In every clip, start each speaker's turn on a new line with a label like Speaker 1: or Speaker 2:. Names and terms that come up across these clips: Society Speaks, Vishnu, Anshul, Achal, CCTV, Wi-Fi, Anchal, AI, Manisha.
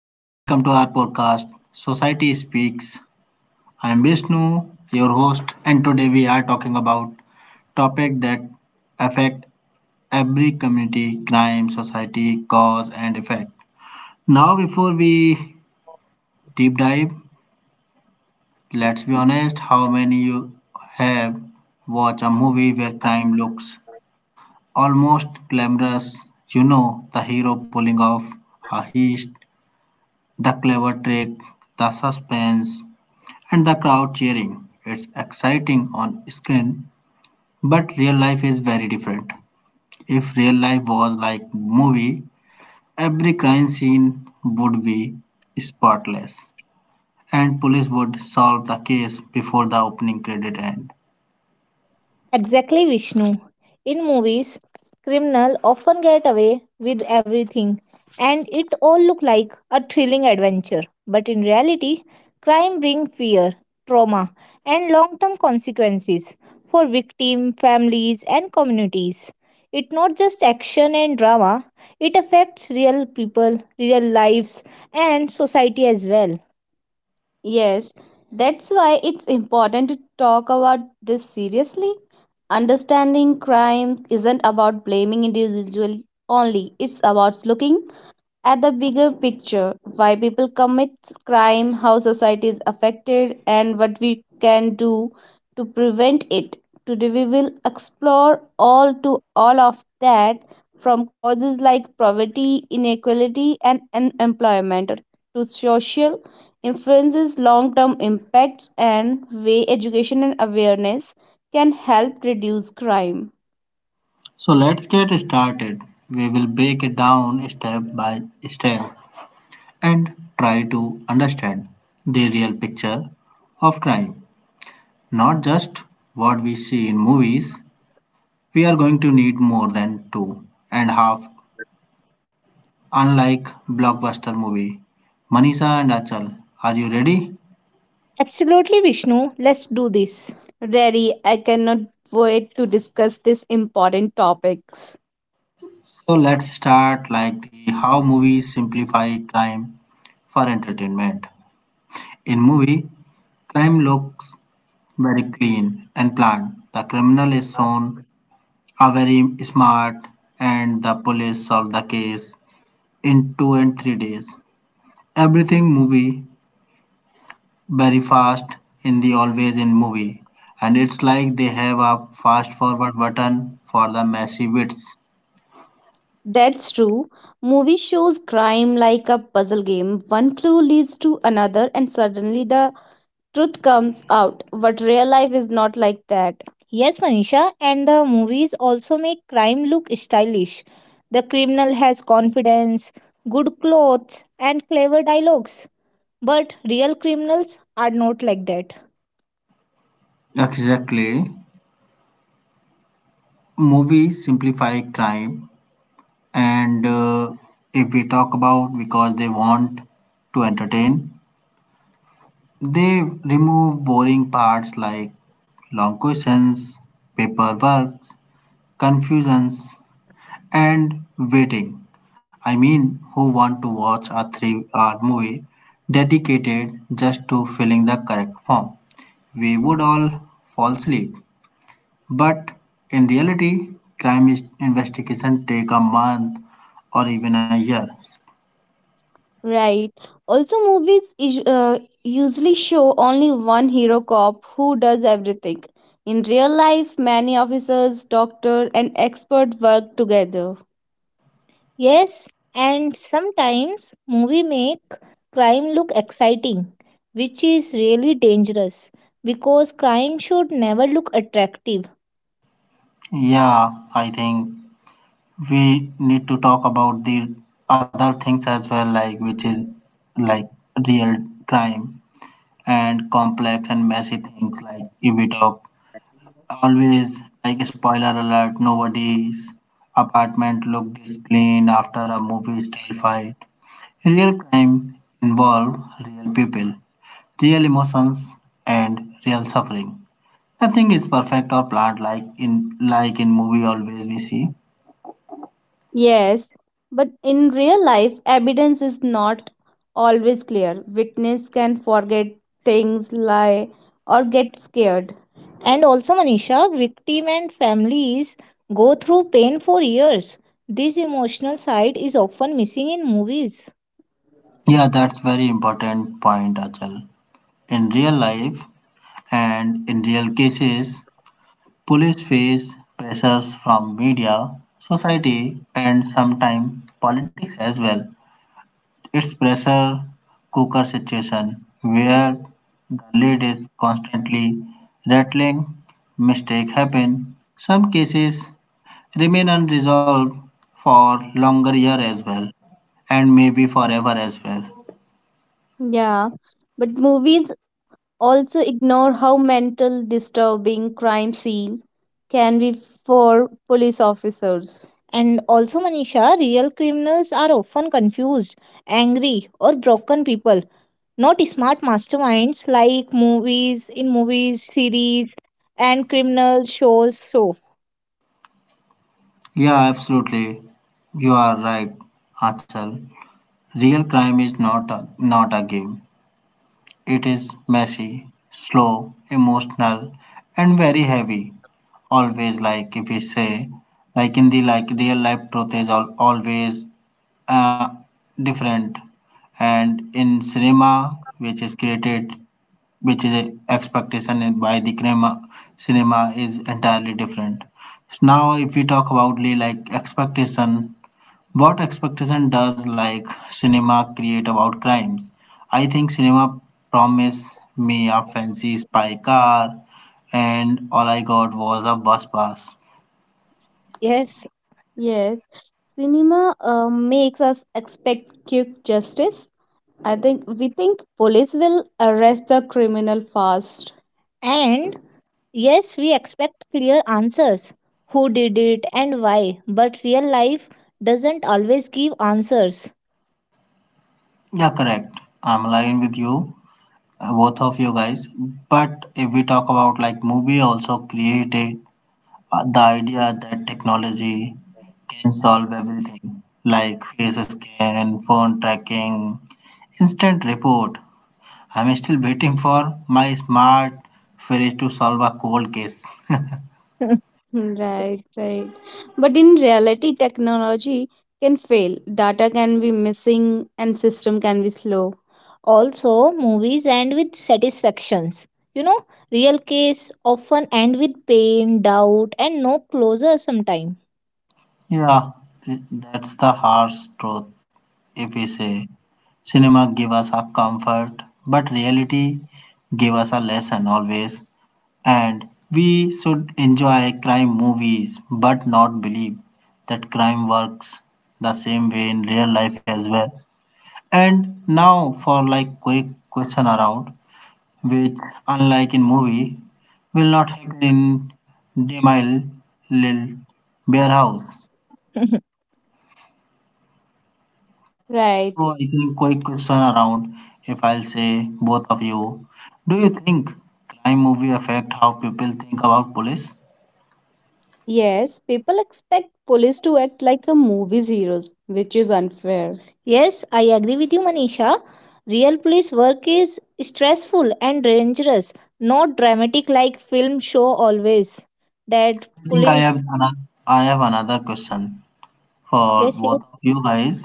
Speaker 1: and welcome to our podcast, Society Speaks. I am Vishnu, your host, and today we are talking about topic that affect every community, crime, society, cause, and effect. Now, before we deep dive, let's be honest. How many you have watched a movie where crime looks almost glamorous? The hero pulling off a heist the clever trick, the suspense, and the crowd cheering. It's exciting on screen, but real life is very different. If real life was like movie, every crime scene would be spotless and police would solve the case before the opening credit end.
Speaker 2: Exactly, Vishnu. In movies, criminal often get away with everything and it all look like a thrilling adventure. But in reality, crime brings fear, trauma, and long-term consequences for victim, families, and communities. It's not just action and drama, it affects real people, real lives, and society as well. Yes, that's why it's important to talk about this seriously. Understanding crime isn't about blaming individuals only, it's about looking at the bigger picture why people commit crime, how society is affected, and what we can do to prevent it. Today, we will explore all of that from causes like poverty, inequality, and unemployment to social influences, long term impacts, and way education and awareness can help reduce crime.
Speaker 1: So let's get started. We will break it down step by step and try to understand the real picture of crime. Not just what we see in movies, we are going to need more than two and a half, unlike blockbuster movie. Manisha and Achal, are you ready?
Speaker 2: Absolutely, Vishnu. Let's do this. Rary, I cannot wait to discuss these important topics.
Speaker 1: So let's start like the how movies simplify crime for entertainment. In movie, crime looks very clean and planned. The criminal is shown are very smart and the police solve the case in 2 and 3 days. Everything movie very fast in the always in movie and it's like they have a fast forward button for the massive bits
Speaker 2: That's true. Movie shows crime like a puzzle game. One clue leads to another, and suddenly the truth comes out. But real life is not like that. Yes, Manisha, and the movies also make crime look stylish. The criminal has confidence, good clothes, and clever dialogues. But real criminals are not like that.
Speaker 1: exactly movies simplify crime and if we talk about because they want to entertain they remove boring parts like long questions paperwork confusions and waiting. I mean, who want to watch a three-hour movie dedicated just to filling the correct form? We would all fall asleep. But in reality, investigation take a month or even a year.
Speaker 2: Right. Also, movies is usually show only one hero cop who does everything. In real life, many officers, doctor, and expert work together. Yes, and sometimes movie make crime look exciting, which is really dangerous because crime should never look attractive.
Speaker 1: Yeah, I think we need to talk about the other things as well, like which is like real crime and complex and messy things. Like if we talk Always like a spoiler alert, nobody's apartment looked this clean after a movie style fight. Real crime involve real people, real emotions and real suffering. Nothing is perfect or planned like in movie always we see.
Speaker 2: Yes, but in real life, evidence is not always clear. Witness can forget things, lie, or get scared. And also, Manisha, victim and families go through pain for years. This emotional side is often missing in movies.
Speaker 1: Yeah, that's very important point, Achal. In real life and in real cases, police face pressures from media, society, and sometimes politics as well. It's pressure cooker situation where the lid is constantly rattling, mistakes happen. Some cases remain unresolved for longer year as well and maybe forever as well.
Speaker 2: Yeah, but movies also ignore how mental disturbing crime scenes can be for police officers. And also, Manisha, real criminals are often confused, angry, or broken people, not smart masterminds like movies, in movies, series, and criminal shows. So,
Speaker 1: Yeah, absolutely. You are right, Achal. Real crime is not a game. It is messy, slow, emotional, and very heavy. Always, like if we say, like in the like real life, truth is always uh, different. And in cinema, which is created, which is a expectation by the cinema, cinema is entirely different. Now, if we talk about the like expectation what expectation does like cinema create about crimes? I think cinema promised me a fancy spy car and all I got was a bus pass.
Speaker 2: yes. Yes, cinema makes us expect quick justice. I think we think police will arrest the criminal fast. And yes, we expect clear answers who did it and why, but real life doesn't always give answers.
Speaker 1: Yeah, correct. I'm lying with you, both of you guys. But if we talk about like movie also created the idea that technology can solve everything like face scan, phone tracking, instant report. I'm still waiting for my smart fridge to solve a cold case.
Speaker 2: Right, right. But in reality, technology can fail. Data can be missing and system can be slow. Also, movies end with satisfactions. You know, real case often end with pain, doubt, and no closure sometimes.
Speaker 1: Yeah, that's the harsh truth. If we say cinema gave us a comfort, but reality gave us a lesson always. And we should enjoy crime movies, but not believe that crime works the same way in real life as well. And now for like quick question around. Which, unlike in movie, will not happen in Demille Lil Bear House.
Speaker 2: Right.
Speaker 1: So I think quick question around if I'll say both of you. Do you think crime movie affect how people think about police?
Speaker 2: Yes, people expect police to act like a movie's heroes, which is unfair. Yes, I agree with you, Manisha. Real police work is stressful and dangerous, not dramatic like film show always. That
Speaker 1: I think
Speaker 2: police,
Speaker 1: I have another question for
Speaker 2: yes, yes,
Speaker 1: both of you guys.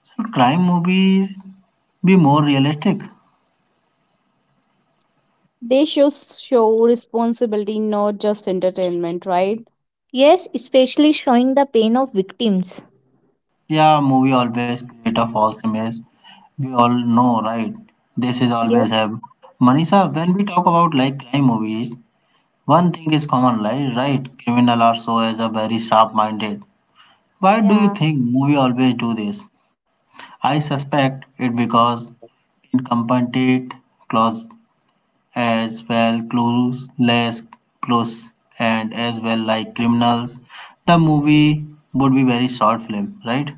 Speaker 1: Should crime movies be more realistic?
Speaker 2: they should show responsibility, not just entertainment, right? Yes, especially showing the pain of victims.
Speaker 1: Yeah, movie always create a false image. We all know, right? This is
Speaker 2: Yes.
Speaker 1: always have. Manisha, when we talk about like crime movies, one thing is common, like right? Criminal are so as a very sharp-minded. Why do you
Speaker 2: Yeah,
Speaker 1: think movie always do this? I suspect it because incompetent, close as well, clues, less clues, and as well like criminals. The movie would be very short film, right?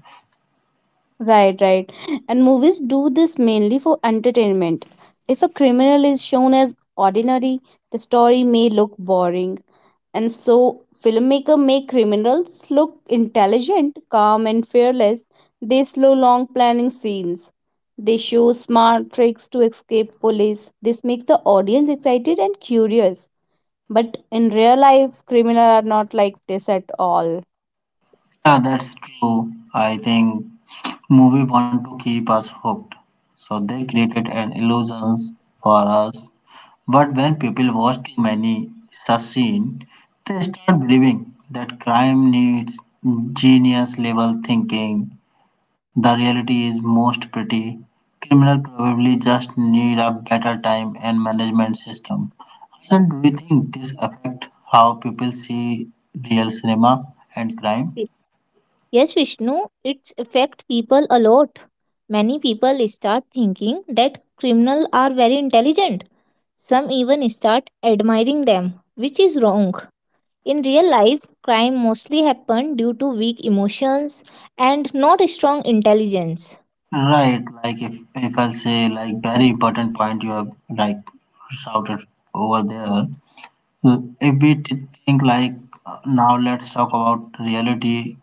Speaker 2: right, right. And movies do this mainly for entertainment. If a criminal is shown as ordinary, the story may look boring. And so filmmaker make criminals look intelligent, calm and fearless. They slow long planning scenes. They show smart tricks to escape police. This makes the audience excited and curious. But in real life, criminals are not like this at all.
Speaker 1: Yeah, that's true. I think movie want to keep us hooked, so they created an illusions for us. But when people watch too many such scene, they start believing that crime needs genius level thinking. The reality is most pretty. Criminal probably just need a better time and management system. And do you think this affect how people see real cinema and crime?
Speaker 2: Yes, Vishnu, it's affect people a lot. Many people start thinking that criminals are very intelligent. Some even start admiring them, which is wrong. In real life, crime mostly happen due to weak emotions and not strong intelligence.
Speaker 1: Right, like if I'll say like very important point you have like shouted over there. Mm. If we think like now let's talk about reality.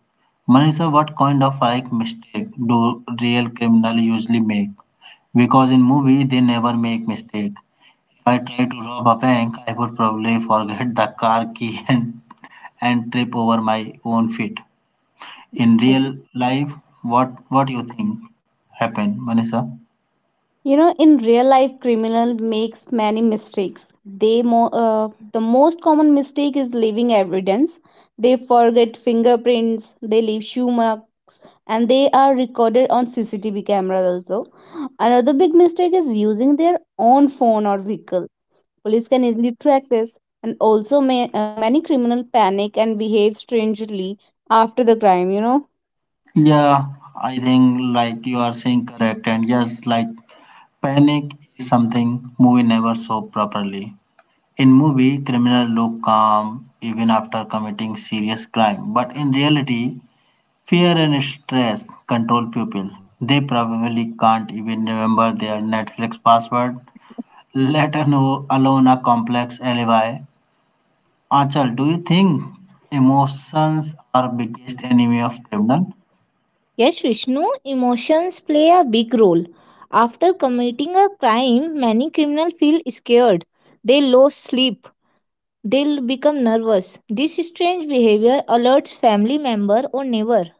Speaker 1: Manisha, what kind of like mistake do real criminal usually make? Because in movie they never make mistake. If I try to rob a bank, I would probably forget the car key and trip over my own feet. In real life, what do you think happened, Manisha?
Speaker 2: In real life, criminal makes many mistakes. The most common mistake is leaving evidence. They forget fingerprints. They leave shoe marks, and they are recorded on CCTV cameras also. Another big mistake is using their own phone or vehicle. Police can easily track this, and also many criminal panic and behave strangely after the crime.
Speaker 1: Yeah, I think like you are saying correct, and yes, like panic is something movie never show properly. In movie, criminal look calm even after committing serious crime, but in reality, fear and stress control people. They probably can't even remember their Netflix password, let alone a complex alibi. Achal, do you think emotions are biggest enemy of criminal?
Speaker 2: Yes, Vishnu, emotions play a big role. After committing a crime, many criminals feel scared. They lose sleep. They become nervous. This strange behavior alerts family member or neighbor.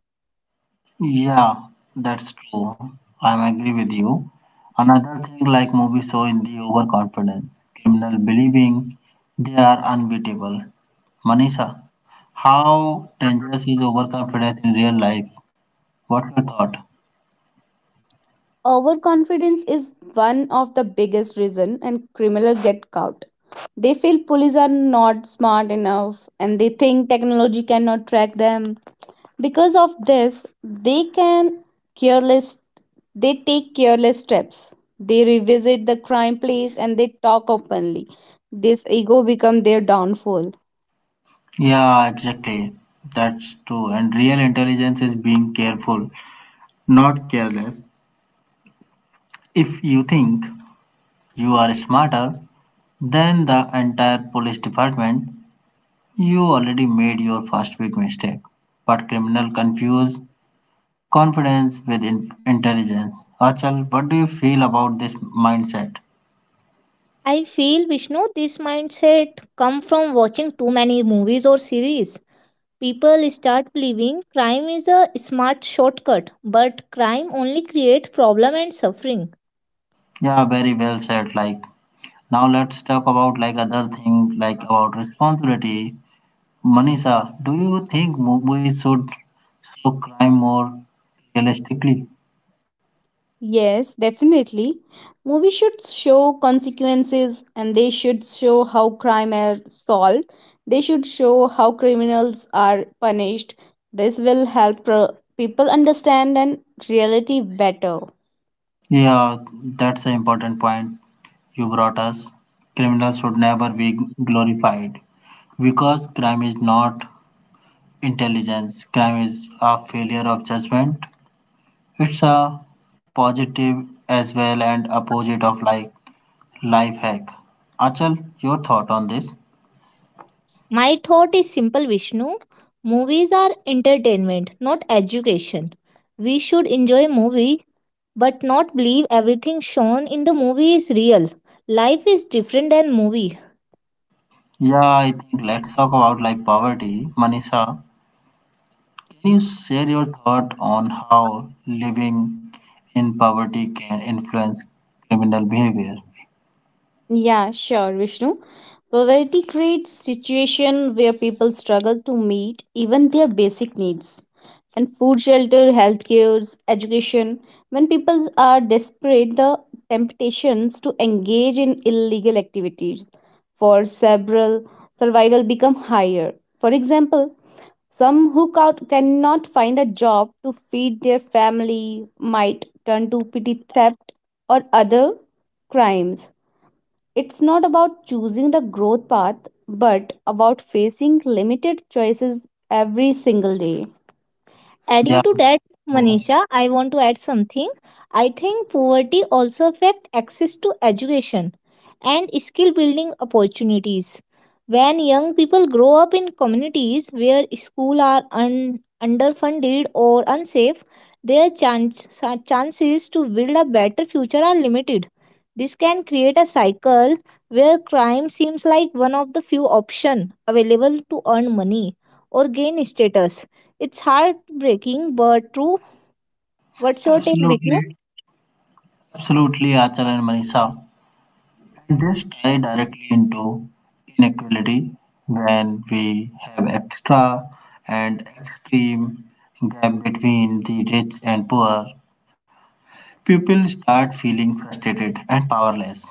Speaker 1: Yeah, that's true. I'm agree with you. Another thing like movie show in the overconfidence, criminal believing they are unbeatable. Manisha, how dangerous is overconfidence in real life? What's your thought?
Speaker 2: Overconfidence is one of the biggest reason and criminals get caught. They feel police are not smart enough and they think technology cannot track them. Because of this, careless They take careless steps. They revisit the crime place and they talk openly. This ego become their downfall.
Speaker 1: Yeah, exactly. That's true. And real intelligence is being careful, not careless. If you think you are smarter than the entire police department, you already made your first big mistake. But criminal confuse confidence with intelligence. Achal, what do you feel about this mindset?
Speaker 2: I feel Vishnu this mindset come from watching too many movies or series. People start believing crime is a smart shortcut, but crime only creates problem and suffering.
Speaker 1: Yeah, very well said. Like now, let's talk about like other thing, like about responsibility. Manisha, do you think movies should show crime more realistically?
Speaker 2: Yes, definitely. Movies should show consequences and they should show how crime are solved. They should show how criminals are punished. This will help people understand and reality better.
Speaker 1: Yeah, that's an important point you brought us. Criminals should never be glorified because crime is not intelligence. Crime is a failure of judgment. It's a positive as well and opposite of like life hack. Achal, your thought on this?
Speaker 2: My thought is simple, Vishnu. Movies are entertainment, not education. We should enjoy movie but not believe everything shown in the movie is real. Life is different than movie.
Speaker 1: Yeah, I think let's talk about like poverty. Manisha, can you share your thought on how living in poverty can influence criminal behavior?
Speaker 2: Yeah, sure, Vishnu. Poverty creates situation where people struggle to meet even their basic needs. And food, shelter, healthcare, education. When people are desperate, the temptations to engage in illegal activities for several survival become higher. For example, some who cannot find a job to feed their family might turn to petty theft or other crimes it's not about choosing the growth path, but about facing limited choices every single day. Adding to
Speaker 1: Yeah,
Speaker 2: that,
Speaker 1: go.
Speaker 2: Manisha, I want to add something. I think poverty also affects access to education and skill building opportunities. When young people grow up in communities where schools are underfunded or unsafe, their chances to build a better future are limited. This can create a cycle where crime seems like one of the few options available to earn money or gain status it's heartbreaking, but true. What's your take, Vishnu?
Speaker 1: Absolutely, absolutely, Achal and Manisha. And this tie directly into inequality when we have extra and extreme gap between the rich and poor, people start feeling frustrated and powerless.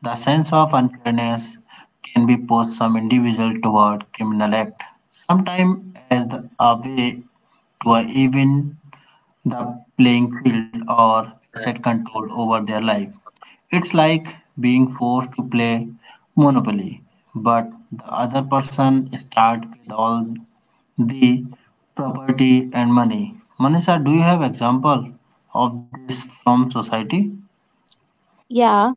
Speaker 1: The sense of unfairness can be pushed some individual toward criminal act, sometimes as a way to even the playing field or asset control over their life. It's like being forced to play Monopoly, but the other person starts with all the property and money. Manisha, do you have example of this from society?
Speaker 2: Yeah,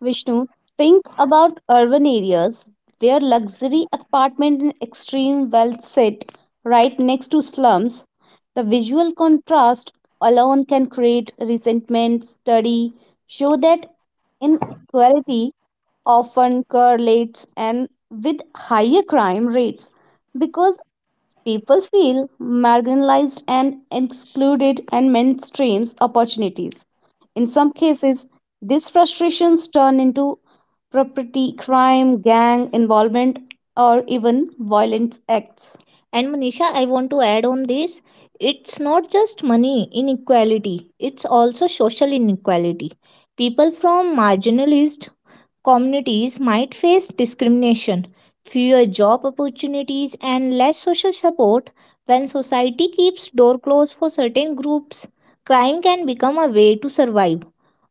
Speaker 2: Vishnu, think about urban areas where luxury apartment and extreme wealth sit right next to slums. The visual contrast alone can create resentment. Study show that inequality often correlates and with higher crime rates because people feel marginalized and excluded and mainstreams opportunities. In some cases, these frustrations turn into property crime, gang involvement, or even violent acts. And Manisha, I want to add on this it's not just money inequality, it's also social inequality. People from marginalized communities might face discrimination, fewer job opportunities, and less social support when society keeps door closed for certain groups. Crime can become a way to survive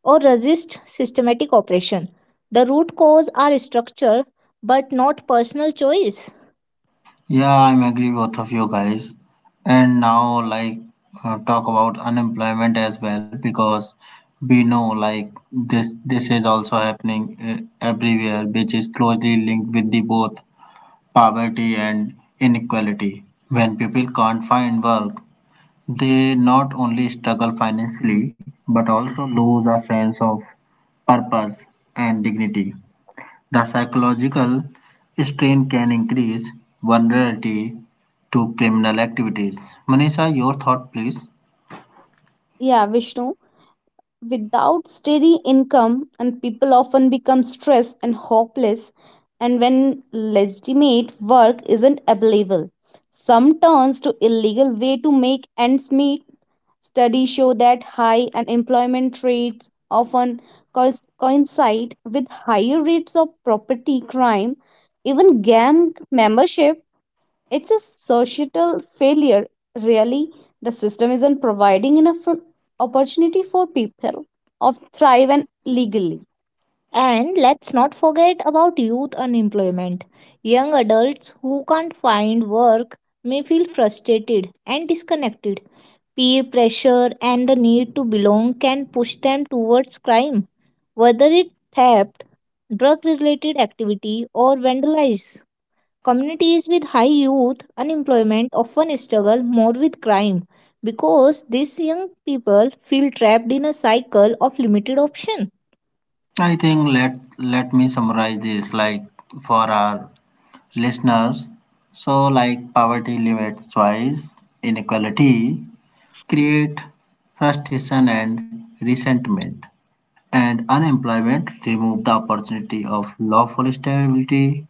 Speaker 2: or resist systematic oppression. The root cause are structure but not personal choice.
Speaker 1: Yeah, I'm agree both of you guys. And now like talk about unemployment as well because we know like this is also happening everywhere which is closely linked with the both poverty and inequality. When people can't find work, they not only struggle financially but also lose a sense of purpose and dignity. The psychological strain can increase vulnerability to criminal activities. Manisha, your thought, please.
Speaker 2: Yeah, Vishnu, without steady income, and people often become stressed and hopeless, and when legitimate work isn't available, some turns to illegal way to make ends meet. Studies show that high unemployment rates often coincide with higher rates of property crime, even gang membership. It's a societal failure, really. The system isn't providing enough opportunity for people of thrive and legally. And let's not forget about youth unemployment. Young adults who can't find work may feel frustrated and disconnected. Peer pressure and the need to belong can push them towards crime, whether it theft, drug related activity, or vandalism. Communities with high youth unemployment often struggle more with crime because these young people feel trapped in a cycle of limited option.
Speaker 1: I think let me summarize this like for our listeners. So like poverty limits choice, inequality create frustration and resentment, and unemployment remove the opportunity of lawful stability.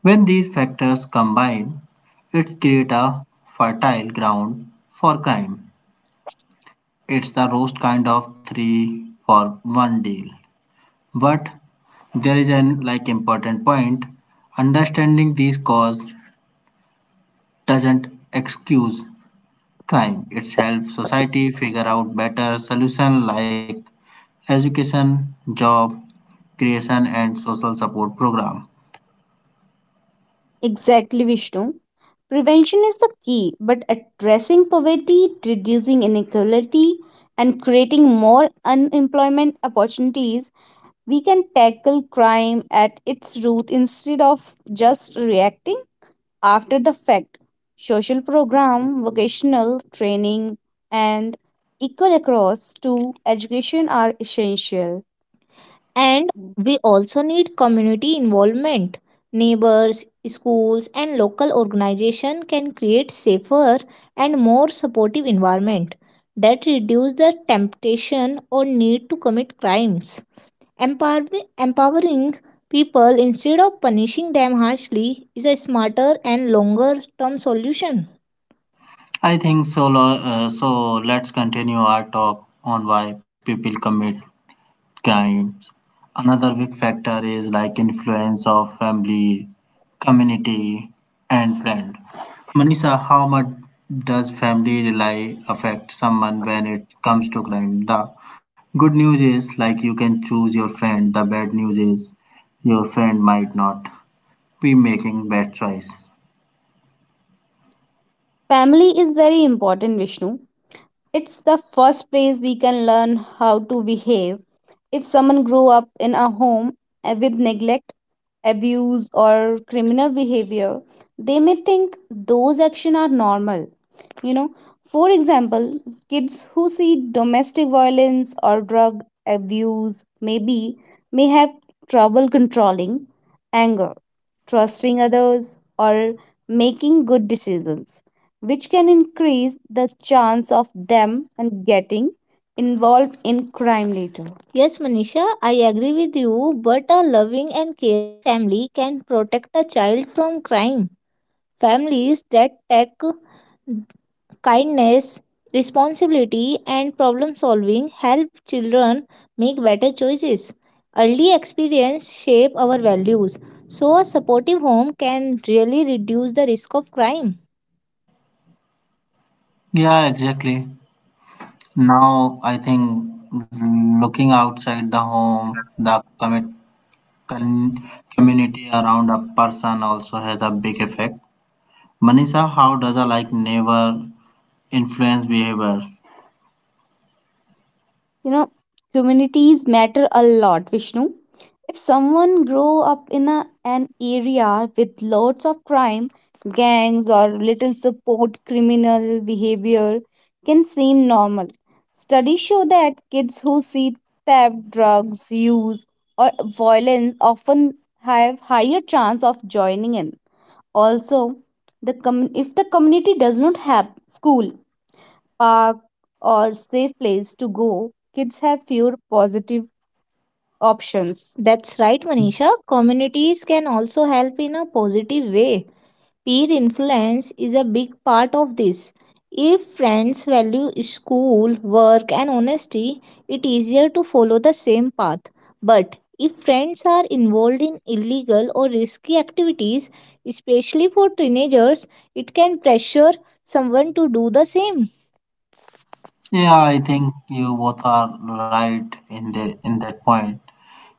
Speaker 1: When these factors combine, it creates a fertile ground for crime. It's the roast kind of three for one deal. But there is an like important point. Understanding these cause doesn't excuse crime. It's helped society figure out better solutions like education, job creation, and social support program.
Speaker 2: Exactly, Vishnu. Prevention is the key, but addressing poverty, reducing inequality, and creating more unemployment opportunities, we can tackle crime at its root instead of just reacting after the fact. Social program, vocational training, and equal across to education are essential. And we also need community involvement. Neighbors, schools, and local organizations can create safer and more supportive environment that reduce the temptation or need to commit crimes. Empowering people instead of punishing them harshly is a smarter and longer term solution.
Speaker 1: I think so. So let's continue our talk on why people commit crimes. Another big factor is like influence of family, community, and friend. Manisha, how much does family rely affect someone when it comes to crime? The good news is like you can choose your friend. The bad news is your friend might not be making bad choice.
Speaker 2: Family is very important, Vishnu. It's the first place we can learn how to behave. If someone grew up in a home with neglect, abuse or criminal behavior, they may think those actions are normal. you know for example, kids who see domestic violence or drug abuse maybe may have trouble controlling anger trusting others or making good decisions which can increase the chance of them and getting involved in crime later. Yes, Manisha, I agree with you, but a loving and caring family can protect a child from crime. Families that take kindness, responsibility, and problem solving help children make better choices. Early experience shape our values, so a supportive home can really reduce the risk of crime.
Speaker 1: Yeah, exactly. Now I think looking outside the home, the con- community around a person also has a big effect. Manisha, how does a like neighbor influence behavior?
Speaker 2: you know communities matter a lot Vishnu if someone grow up in an area with lots of crime gangs or little support criminal behavior can seem normal studies show that kids who see theft drugs use or violence often have higher chance of joining in also if the community does not have school park, or safe place to go, kids have fewer positive options. That's right, Manisha. Communities can also help in a positive way. Peer influence is a big part of this. If friends value school, work, and honesty, it's easier to follow the same path. But if friends are involved in illegal or risky activities, especially for teenagers, it can pressure someone to do the same.
Speaker 1: Yeah, I think you both are right in that point.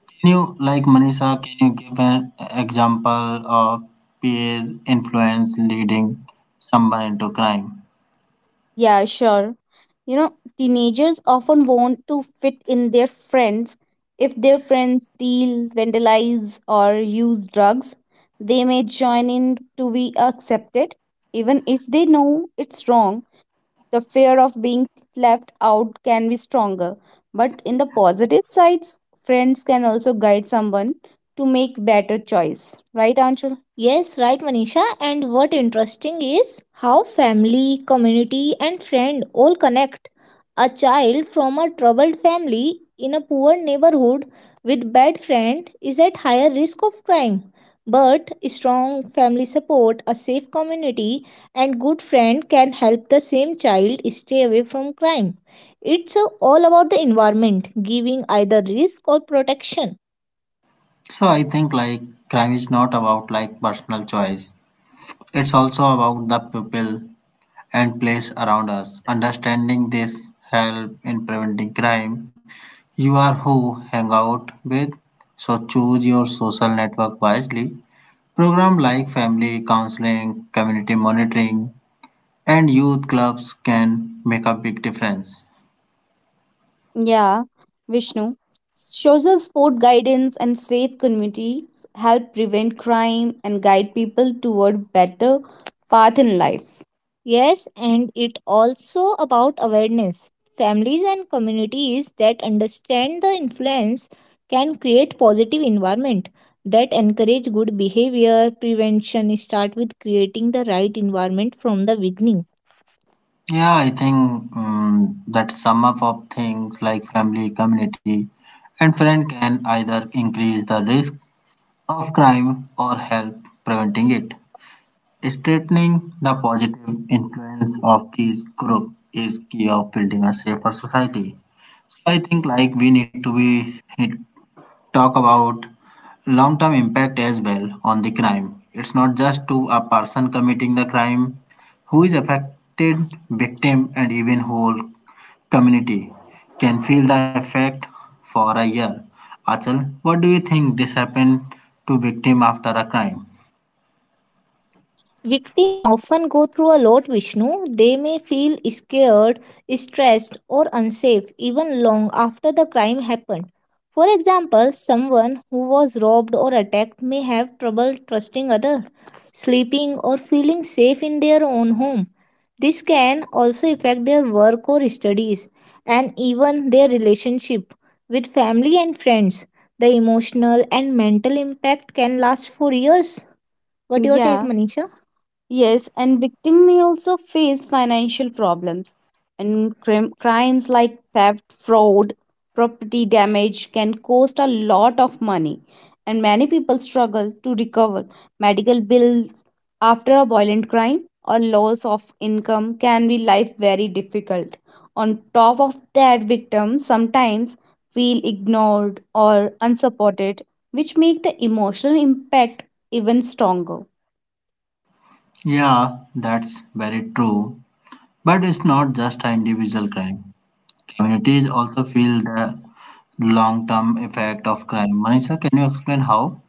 Speaker 1: Can you like Manisha? Can you give an example of peer influence leading someone into crime?
Speaker 2: Yeah, sure. You know, teenagers often want to fit in their friends. If their friends steal, vandalize, or use drugs, they may join in to be accepted, even if they know it's wrong. The fear of being left out can be stronger. But in the positive sides, friends can also guide someone to make better choice. Right, Anshul? Yes, right, Manisha. And what interesting is how family, community, and friend all connect. A child from a troubled family in a poor neighborhood with bad friend is at higher risk of crime. But strong family support, a safe community, and good friend can help the same child stay away from crime. It's all about the environment, giving either risk or protection.
Speaker 1: So I think like crime is not about like personal choice. It's also about the people and place around us. Understanding this help in preventing crime. You are who hang out with, so choose your social network wisely. Program like family counseling, community monitoring, and youth clubs can make a big difference.
Speaker 2: Yeah, Vishnu. Social support guidance and safe communities help prevent crime and guide people toward better path in life. Yes, and it also about awareness. Families and communities that understand the influence can create positive environment that encourage good behavior. Prevention start with creating the right environment from the beginning.
Speaker 1: Yeah, I think that sum up of things like family, community, and friend can either increase the risk of crime or help preventing it. Straightening the positive influence of these group is key of building a safer society. So I think like we need to be talk about long-term impact as well on the crime. It's not just to a person committing the crime, who is affected, victim, and even whole community can feel the effect for a year. Achal, what do you think this happened to victim after a crime?
Speaker 2: Victims often go through a lot, Vishnu. They may feel scared, stressed, or unsafe even long after the crime happened. For example, someone who was robbed or attacked may have trouble trusting others, sleeping, or feeling safe in their own home. This can also affect their work or studies and even their relationship with family and friends. The emotional and mental impact can last for years. What do you take, yeah, Manisha? Yes, and victim may also face financial problems, and crimes like theft, fraud, property damage can cost a lot of money, and many people struggle to recover. Medical bills after a violent crime or loss of income can be life very difficult. On top of that, victims sometimes feel ignored or unsupported, which make the emotional impact even stronger.
Speaker 1: Yeah, that's very true. But it's not just an individual crime. Communities also feel the long-term effect of crime. Manisha, can you explain how?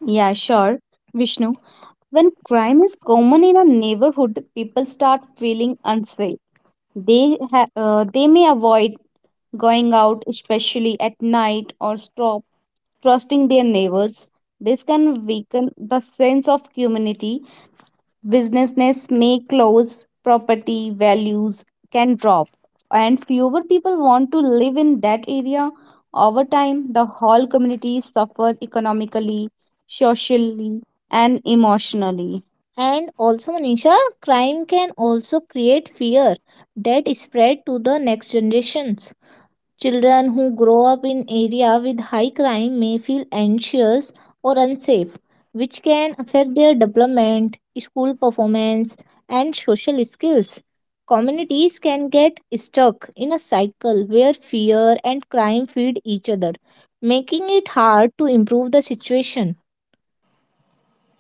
Speaker 2: Yeah, sure, Vishnu. When crime is common in a neighborhood, people start feeling unsafe. They may avoid going out, especially at night, or stop trusting their neighbors. This can weaken the sense of community businesses may close, property values can drop, and fewer people want to live in that area. Over time, the whole community suffers economically, socially, and emotionally. And also, Manisha, crime can also create fear that spread to the next generations. Children who grow up in area with high crime may feel anxious or unsafe, which can affect their development, school performance, and social skills. Communities can get stuck in a cycle where fear and crime feed each other, making it hard to improve the situation.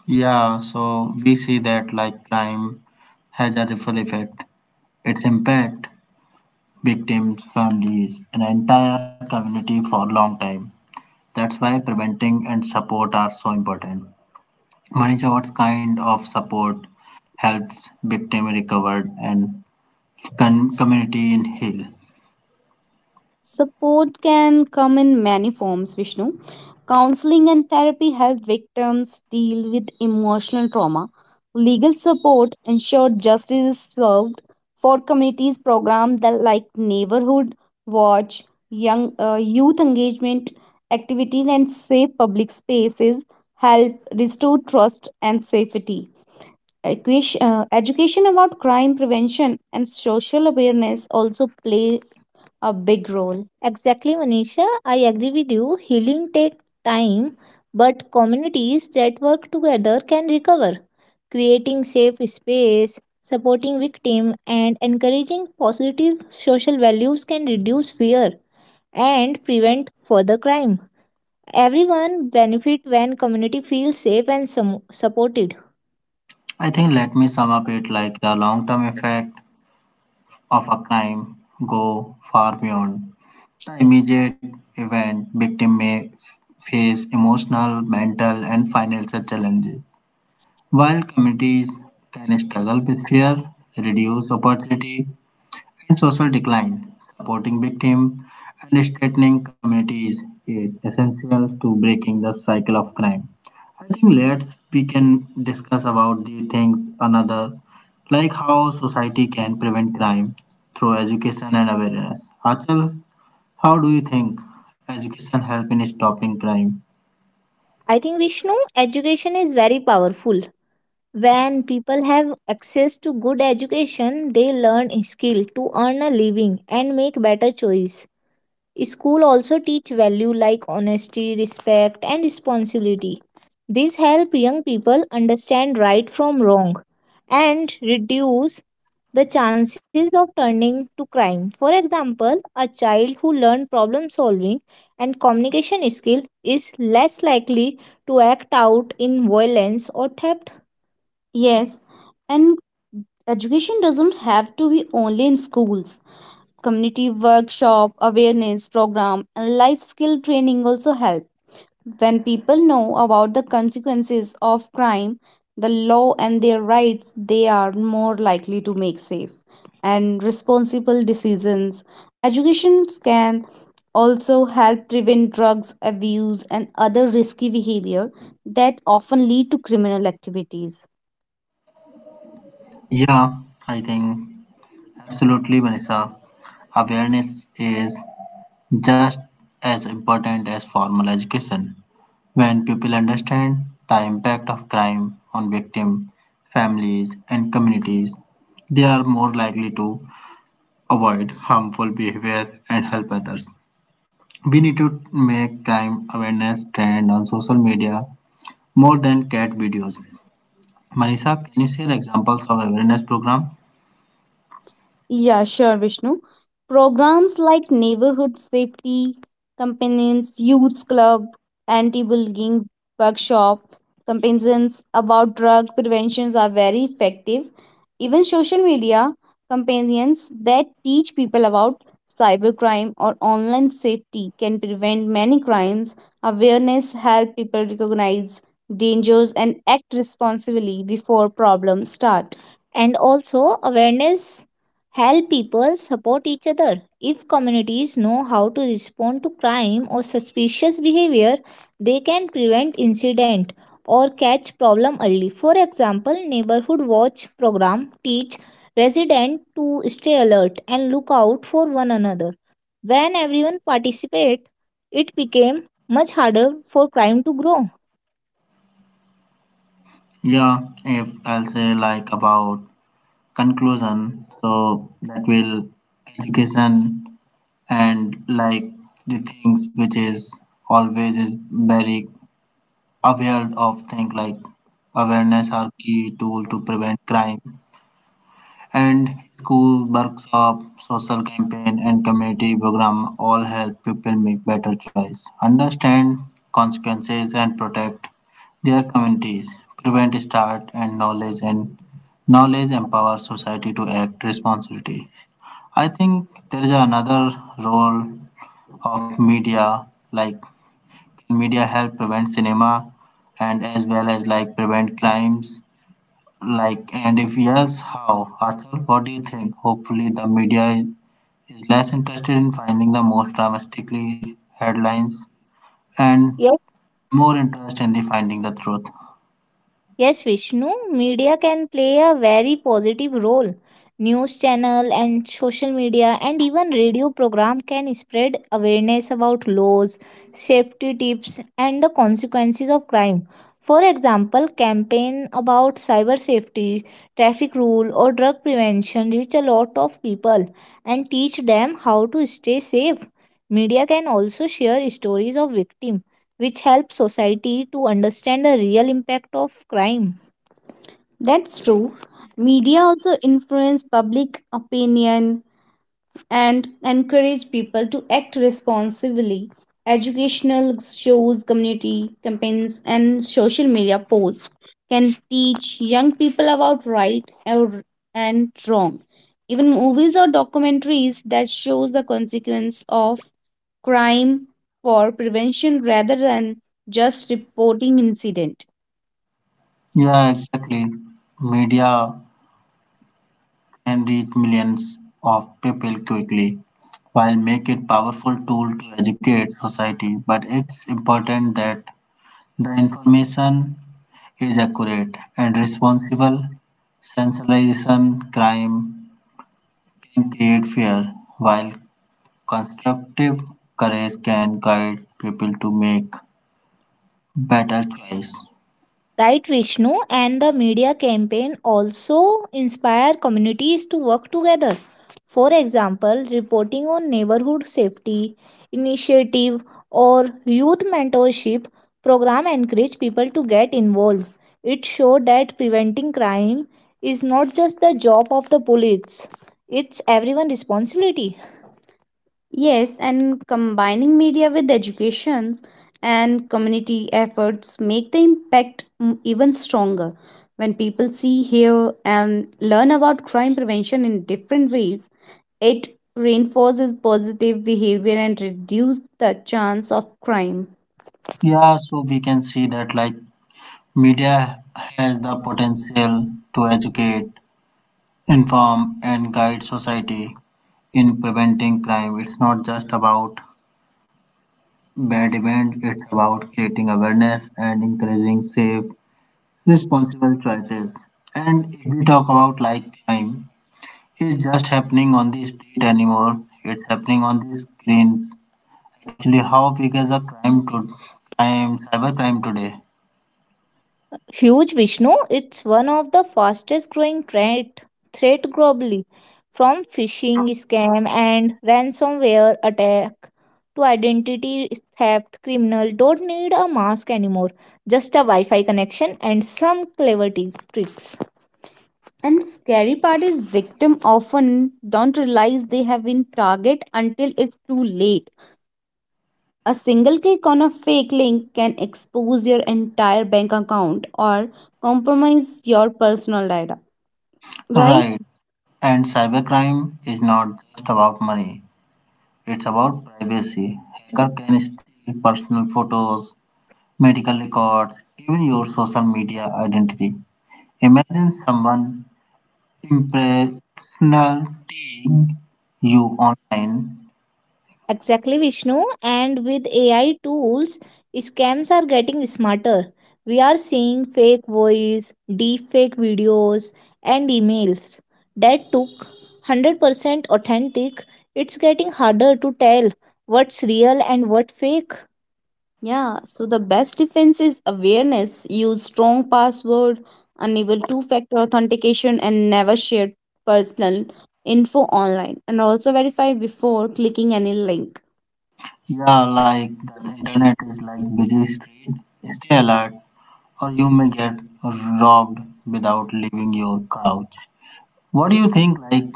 Speaker 1: Yeah, so we see that like crime has a ripple effect. Its impact victims, families, and entire community for a long time. That's why preventing and support are so important. Manisha, what kind of support helps victim recover and community in heal?
Speaker 2: Support can come in many forms, Vishnu. Counseling and therapy help victims deal with emotional trauma. Legal support ensure justice is served. For communities, programs that like neighborhood watch, young youth engagement activity, and safe public spaces help restore trust and safety. Education, education about crime prevention and social awareness also play a big role. Exactly, Manisha. I agree with you. Healing takes time, but communities that work together can recover. Creating safe space, supporting victims, and encouraging positive social values can reduce fear and prevent further crime. Everyone benefit when community feels safe and supported.
Speaker 1: I think let me sum up it like the long term effect of a crime go far beyond the immediate event victim may face emotional, mental and financial challenges. While communities can struggle with fear, reduced opportunity and social decline. Supporting victims and strengthening communities is essential to breaking the cycle of crime. I think let's we can discuss about the things another like how society can prevent crime through education and awareness. Achal, how do you think education help in stopping crime?
Speaker 2: I think Vishnu, education is very powerful. When people have access to good education, they learn skill to earn a living and make better choice. School also teach value like honesty, respect and responsibility. These help young people understand right from wrong and reduce the chances of turning to crime. For example, a child who learned problem solving and communication skill is less likely to act out in violence or theft. Yes, and education doesn't have to be only in schools. Community workshop, awareness program, and life skill training also help. When people know about the consequences of crime, the law and their rights, they are more likely to make safe and responsible decisions. Education can also help prevent drugs abuse and other risky behavior that often lead to criminal activities.
Speaker 1: Yeah, I think absolutely, Vanessa. Awareness is just as important as formal education. When people understand the impact of crime on victims, families, and communities, they are more likely to avoid harmful behavior and help others. We need to make crime awareness trend on social media more than cat videos. Manisha, can you share examples of awareness program?
Speaker 2: Yeah, sure, Vishnu. Programs like neighborhood safety campaigns, youth club, anti-bullying workshop, campaigns about drug preventions are very effective. Even social media campaigns that teach people about cybercrime or online safety can prevent many crimes. Awareness help people recognize dangers and act responsibly before problems start. And also, awareness help people support each other. If communities know how to respond to crime or suspicious behavior, they can prevent incident or catch problem early. For example, neighborhood watch program teach resident to stay alert and look out for one another. When everyone participate, it became much harder for crime to grow.
Speaker 1: Yeah, if I'll say like about conclusion, so that will education and like the things which is always is very aware of things like awareness are key tool to prevent crime and school workshop social campaign and community program all help people make better choice understand consequences and protect their communities prevent start and knowledge empower society to act responsibility. I think there is another role of media like media help prevent cinema and as well as like prevent crimes like and if yes how. Arthur, what do you think? Hopefully the media is less interested in finding the most dramatically headlines and
Speaker 2: Yes,
Speaker 1: more interest in the finding the truth.
Speaker 2: yes, Vishnu, media can play a very positive role. News channel and social media and even radio program can spread awareness about laws, safety tips and the consequences of crime. For example, campaign about cyber safety, traffic rule or drug prevention reach a lot of people and teach them how to stay safe. Media can also share stories of victims which helps society to understand the real impact of crime. That's true. Media also influence public opinion and encourage people to act responsibly. Educational shows, community campaigns, and social media posts can teach young people about right and wrong. Even movies or documentaries that shows the consequence of crime for prevention rather than just reporting incident.
Speaker 1: Yeah, exactly. Media can reach millions of people quickly while make it powerful tool to educate society, but it's important that the information is accurate and responsible. Sensationalization crime can create fear, while constructive courage can guide people to make better choice.
Speaker 2: Right, Vishnu, and the media campaign also inspire communities to work together. For example, reporting on neighborhood safety initiative or youth mentorship program encourage people to get involved. It showed that preventing crime is not just the job of the police; it's everyone's responsibility. Yes, and combining media with educations and community efforts make the impact even stronger. When people see, hear, and learn about crime prevention in different ways, it reinforces positive behavior and reduces the chance of crime.
Speaker 1: Yeah, so we can see that like media has the potential to educate, inform, and guide society in preventing crime. It's not just about bad events, it's about creating awareness and encouraging safe responsible choices. And if we talk about like crime, it's just happening on the street anymore. It's happening on the screens. Actually, how big is a crime cybercrime today?
Speaker 2: Huge Vishnu, it's one of the fastest growing threat globally, from phishing scam and ransomware attack to identity theft. Criminal don't need a mask anymore, just a Wi-Fi connection and some clever tricks. And the scary part is victim often don't realize they have been target until it's too late. A single click on a fake link can expose your entire bank account or compromise your personal data, right?
Speaker 1: Right. And cybercrime is not just about money. It's about privacy. Hacker can steal personal photos, medical records, even your social media identity. Imagine someone impersonal dating you online.
Speaker 2: Exactly, Vishnu. And with AI tools, scams are getting smarter. We are seeing fake voice, deepfake videos, and emails that took 100% authentic. It's getting harder to tell what's real and what fake. Yeah, so the best defense is awareness. Use strong password, enable two-factor authentication, and never share personal info online. And also verify before clicking any link.
Speaker 1: Yeah, like the internet is like busy street. Stay alert, or you may get robbed without leaving your couch. What do you think like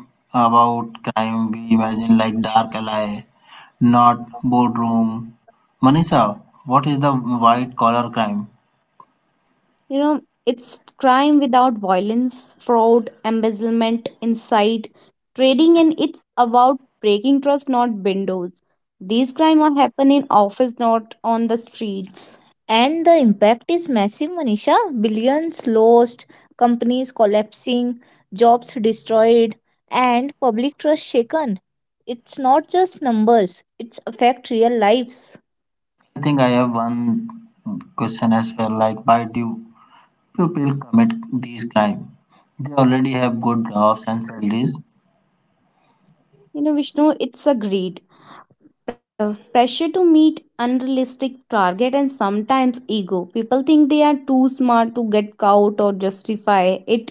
Speaker 1: about crime? We imagine like dark alley, not boardroom. Manisha, what is the white collar crime?
Speaker 2: You know, it's crime without violence, fraud, embezzlement, incite, trading, and it's about breaking trust, not windows. These crimes are happening in office, not on the streets. And the impact is massive, Manisha. Billions lost, companies collapsing, jobs destroyed, and public trust shaken. It's not just numbers, it's affect real lives.
Speaker 1: I think I have one question as well. Like, why do people commit these crimes? They already have good jobs and salaries.
Speaker 2: You know, Vishnu, it's a greed. Pressure to meet unrealistic target and sometimes ego people think they are too smart to get caught or justify it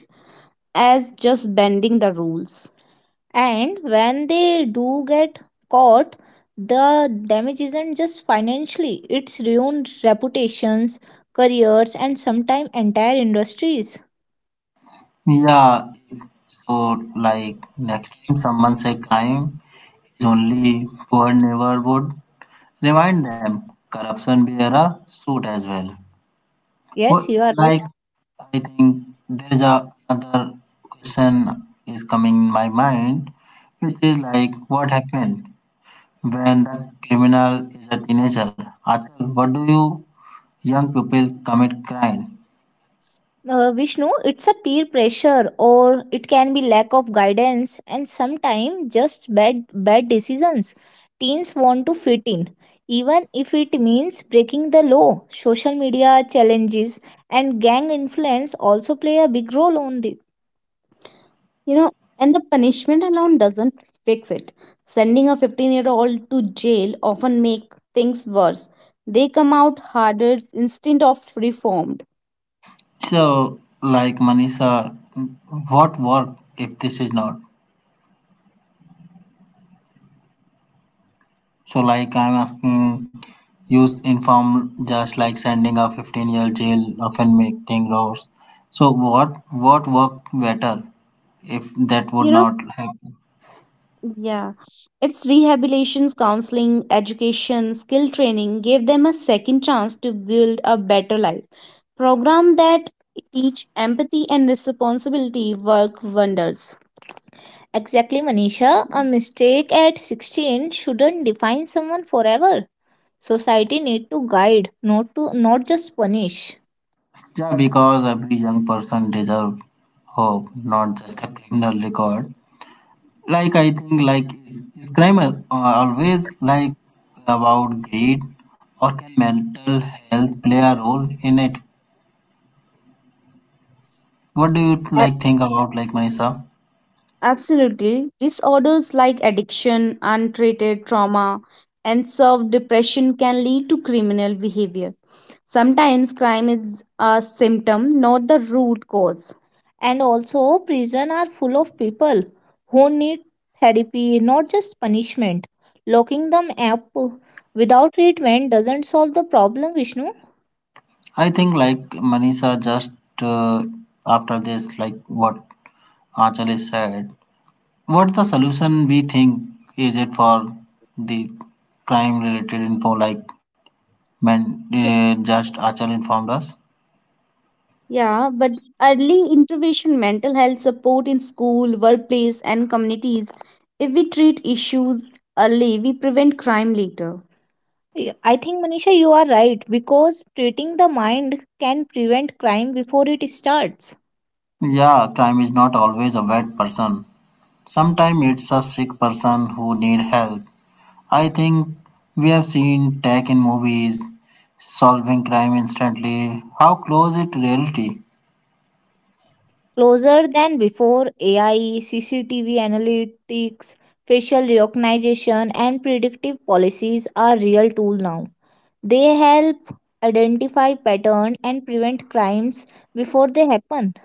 Speaker 2: as just bending the rules. And when they do get caught, the damage isn't just financially, it's ruined reputations, careers, and sometimes entire industries.
Speaker 1: Yeah, So like next time someone say crime is only poor neighborhood, remind them corruption bear a suit as well.
Speaker 2: Yes,
Speaker 1: What,
Speaker 2: you are
Speaker 1: like I think there is a another question is coming in my mind, which is like what happened when the criminal is a teenager? Achal, what do you young people commit crime?
Speaker 2: Vishnu, it's a peer pressure or it can be lack of guidance and sometimes just bad decisions. Teens want to fit in, even if it means breaking the law. Social media challenges and gang influence also play a big role on this. You know, and the punishment alone doesn't fix it sending a 15-year-old to jail often make things worse. They come out harder instead of reformed.
Speaker 1: So, like Manisha, what work if this is not? So, like I'm asking, use inform just like sending a 15-year jail often make things worse. So, what worked better if that would not happen?
Speaker 2: Yeah, it's rehabilitation, counseling, education, skill training gave them a second chance to build a better life. Program that teach empathy and responsibility work wonders. Exactly, Manisha. A mistake at 16 shouldn't define someone forever. Society need to guide, not to not just punish.
Speaker 1: Yeah, because every young person deserve hope, not just a criminal record. Like I think like is crime always like about greed or can mental health play a role in it? What do you like think about like Manisha?
Speaker 2: Absolutely. Disorders like addiction, untreated trauma, and self depression can lead to criminal behavior. Sometimes crime is a symptom, not the root cause. And also, prison are full of people who need therapy, not just punishment. Locking them up without treatment doesn't solve the problem, Vishnu.
Speaker 1: I think like Manisha just uh, after this like what Achal is said, what the solution we think is it for the crime related info like men just Achal informed us?
Speaker 2: Yeah, but early intervention, mental health support in school, workplace, and communities. If we treat issues early, we prevent crime later. I think Manisha, you are right because treating the mind can prevent crime before it starts.
Speaker 1: Yeah, crime is not always a bad person. Sometimes it's a sick person who need help. I think we have seen tech in movies solving crime instantly. How close it reality?
Speaker 2: Closer than before, AI, CCTV analytics, facial recognition, and predictive policies are real tool now. They help identify pattern and prevent crimes before they happen.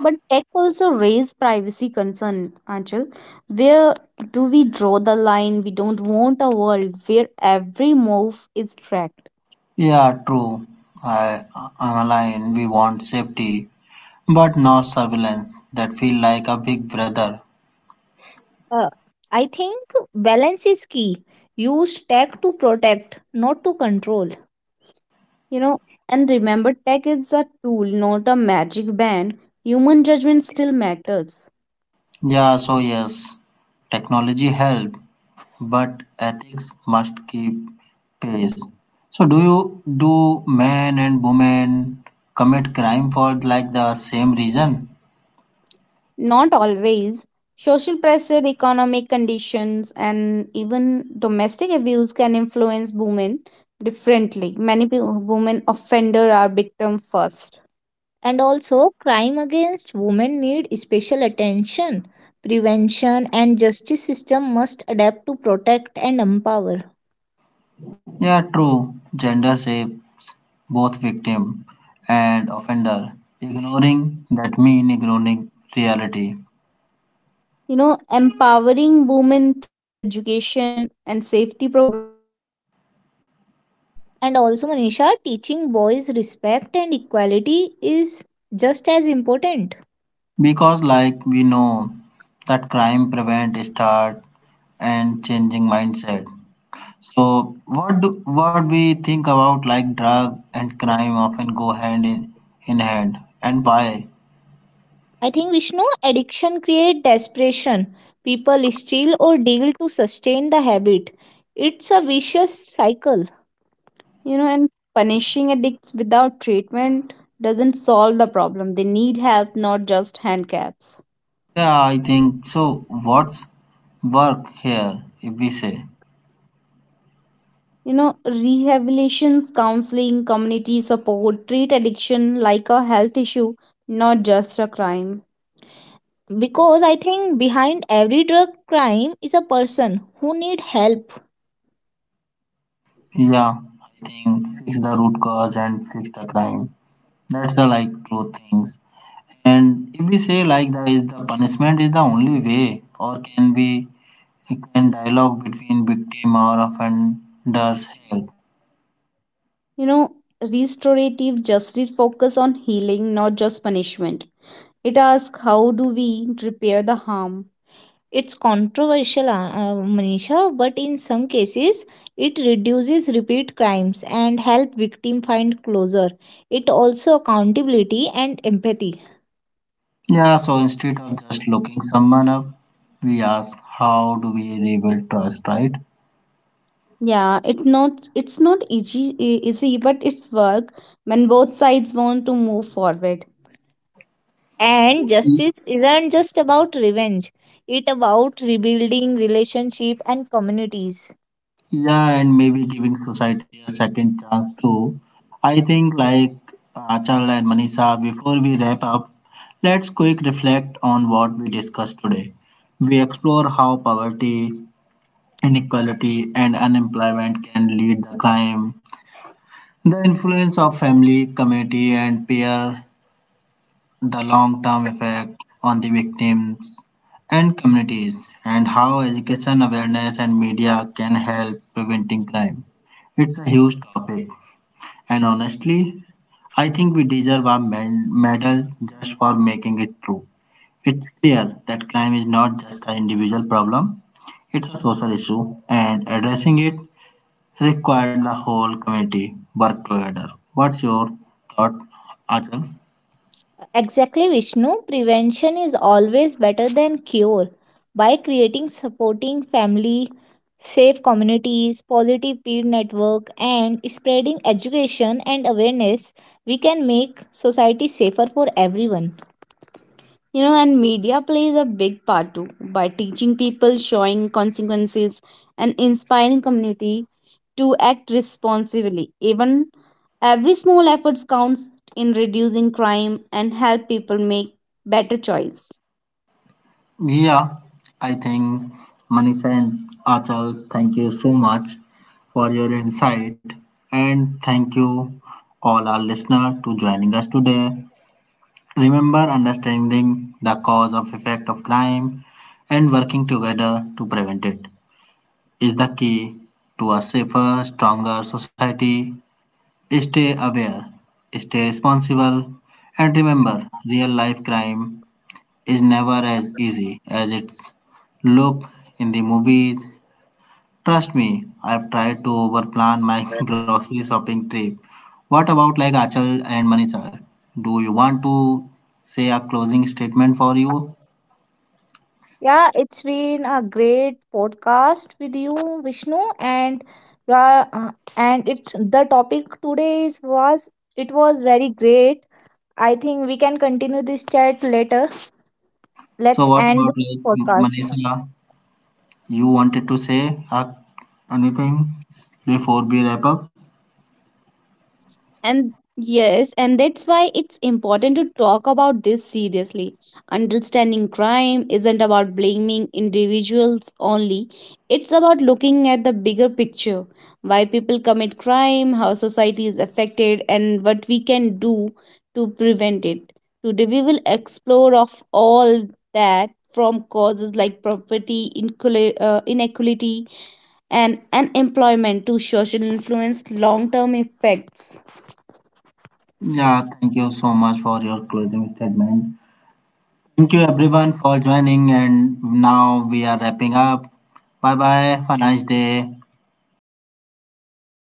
Speaker 2: But tech also raise privacy concern, Anchal. Where do we draw the line? We don't want a world where every move is tracked.
Speaker 1: Yeah, true. I I'm aligned. We want safety, but not surveillance. That feel like a big brother.
Speaker 2: Uh, I think balance is key. Use tech to protect, not to control. You know, and remember tech is a tool, not a magic band. Human judgment still matters.
Speaker 1: Yeah, so yes, technology help, but ethics must keep pace. So do you do men and women commit crime for like the same reason?
Speaker 2: Not always. Social pressure, economic conditions, and even domestic abuse can influence women differently. Many women offender are victim first. And also, crime against women need special attention. Prevention and justice system must adapt to protect and empower.
Speaker 1: Yeah, true. Gender shapes both victim and offender. Ignoring that mean ignoring reality.
Speaker 2: You know, empowering women through education and safety program reduce crime risk. And also, Manisha, teaching boys respect and equality is just as important.
Speaker 1: Because like we know that crime prevent start and changing mindset. So what do, what we think about like drug and crime often go hand in hand and why?
Speaker 2: I think Vishnu, addiction creates desperation. People steal or deal to sustain the habit. It's a vicious cycle. You know, and punishing addicts without treatment doesn't solve the problem. They need help, not just handcuffs.
Speaker 1: Yeah, I think so. What's work here if we say?
Speaker 2: You know, rehabilitation, counseling, community support treat addiction like a health issue, not just a crime, because I think behind every drug crime is a person who need help.
Speaker 1: Yeah, I think fix the root cause and fix the crime. That's the like two things. And if we say like that is the punishment is the only way or can we can dialogue between victim or offenders help?
Speaker 2: You know, restorative justice focus on healing, not just punishment. It asks how do we repair the harm. It's controversial Manisha, but in some cases it reduces repeat crimes and help victim find closure. It also accountability and empathy.
Speaker 1: Yeah, so instead of just looking someone up, we ask how do we rebuild trust, right?
Speaker 2: Yeah, it's not easy, but it's work when both sides want to move forward. And justice isn't just about revenge. It about rebuilding relationship and communities.
Speaker 1: Yeah, and maybe giving society a second chance too. I think like Achal and Manisha, before we wrap up, let's quick reflect on what we discussed today. We explore how poverty, inequality, and unemployment can lead the crime, the influence of family, community, and peer the long term effect on the victims and communities, and how education, awareness, and media can help preventing crime. It's a huge topic, and honestly, I think we deserve a medal just for making it true. It's clear that crime is not just an individual problem, it's a social issue, and addressing it requires the whole community work together. What's your thought, Achal?
Speaker 2: Exactly, Vishnu. Prevention is always better than cure. By creating supporting family, safe communities, positive peer network, and spreading education and awareness, we can make society safer for everyone. You know, and media plays a big part too by teaching people showing consequences and inspiring community to act responsibly. Even every small efforts counts in reducing crime and help people make better choice.
Speaker 1: Yeah, I think Manisha and Achal, thank you so much for your insight and thank you all our listener to joining us today. Remember understanding the cause of effect of crime and working together to prevent it is the key to a safer, stronger society. Stay aware, stay responsible and remember real life crime is never as easy as it's look in the movies. Trust me, I've tried to overplan my grocery shopping trip. What about like Achal and Manisha? Do you want to say a closing statement for you?
Speaker 2: Yeah, it's been a great podcast with you, Vishnu, and yeah, and it's the topic today is was it was very great. I think we can continue this chat later.
Speaker 1: So
Speaker 2: Let's
Speaker 1: what
Speaker 2: end
Speaker 1: about
Speaker 2: this
Speaker 1: like
Speaker 2: podcast.
Speaker 1: Manisha? You wanted to say anything before we wrap up?
Speaker 2: And yes, and that's why it's important to talk about this seriously. Understanding crime isn't about blaming individuals only, it's about looking at the bigger picture why people commit crime, how society is affected, and what we can do to prevent it. Today, we will explore of all that from causes like property inequality and unemployment to social influence long-term effects
Speaker 1: Yeah, thank you so much for your closing statement. Thank you everyone for joining, and now we are wrapping up. Bye bye. Have a nice day.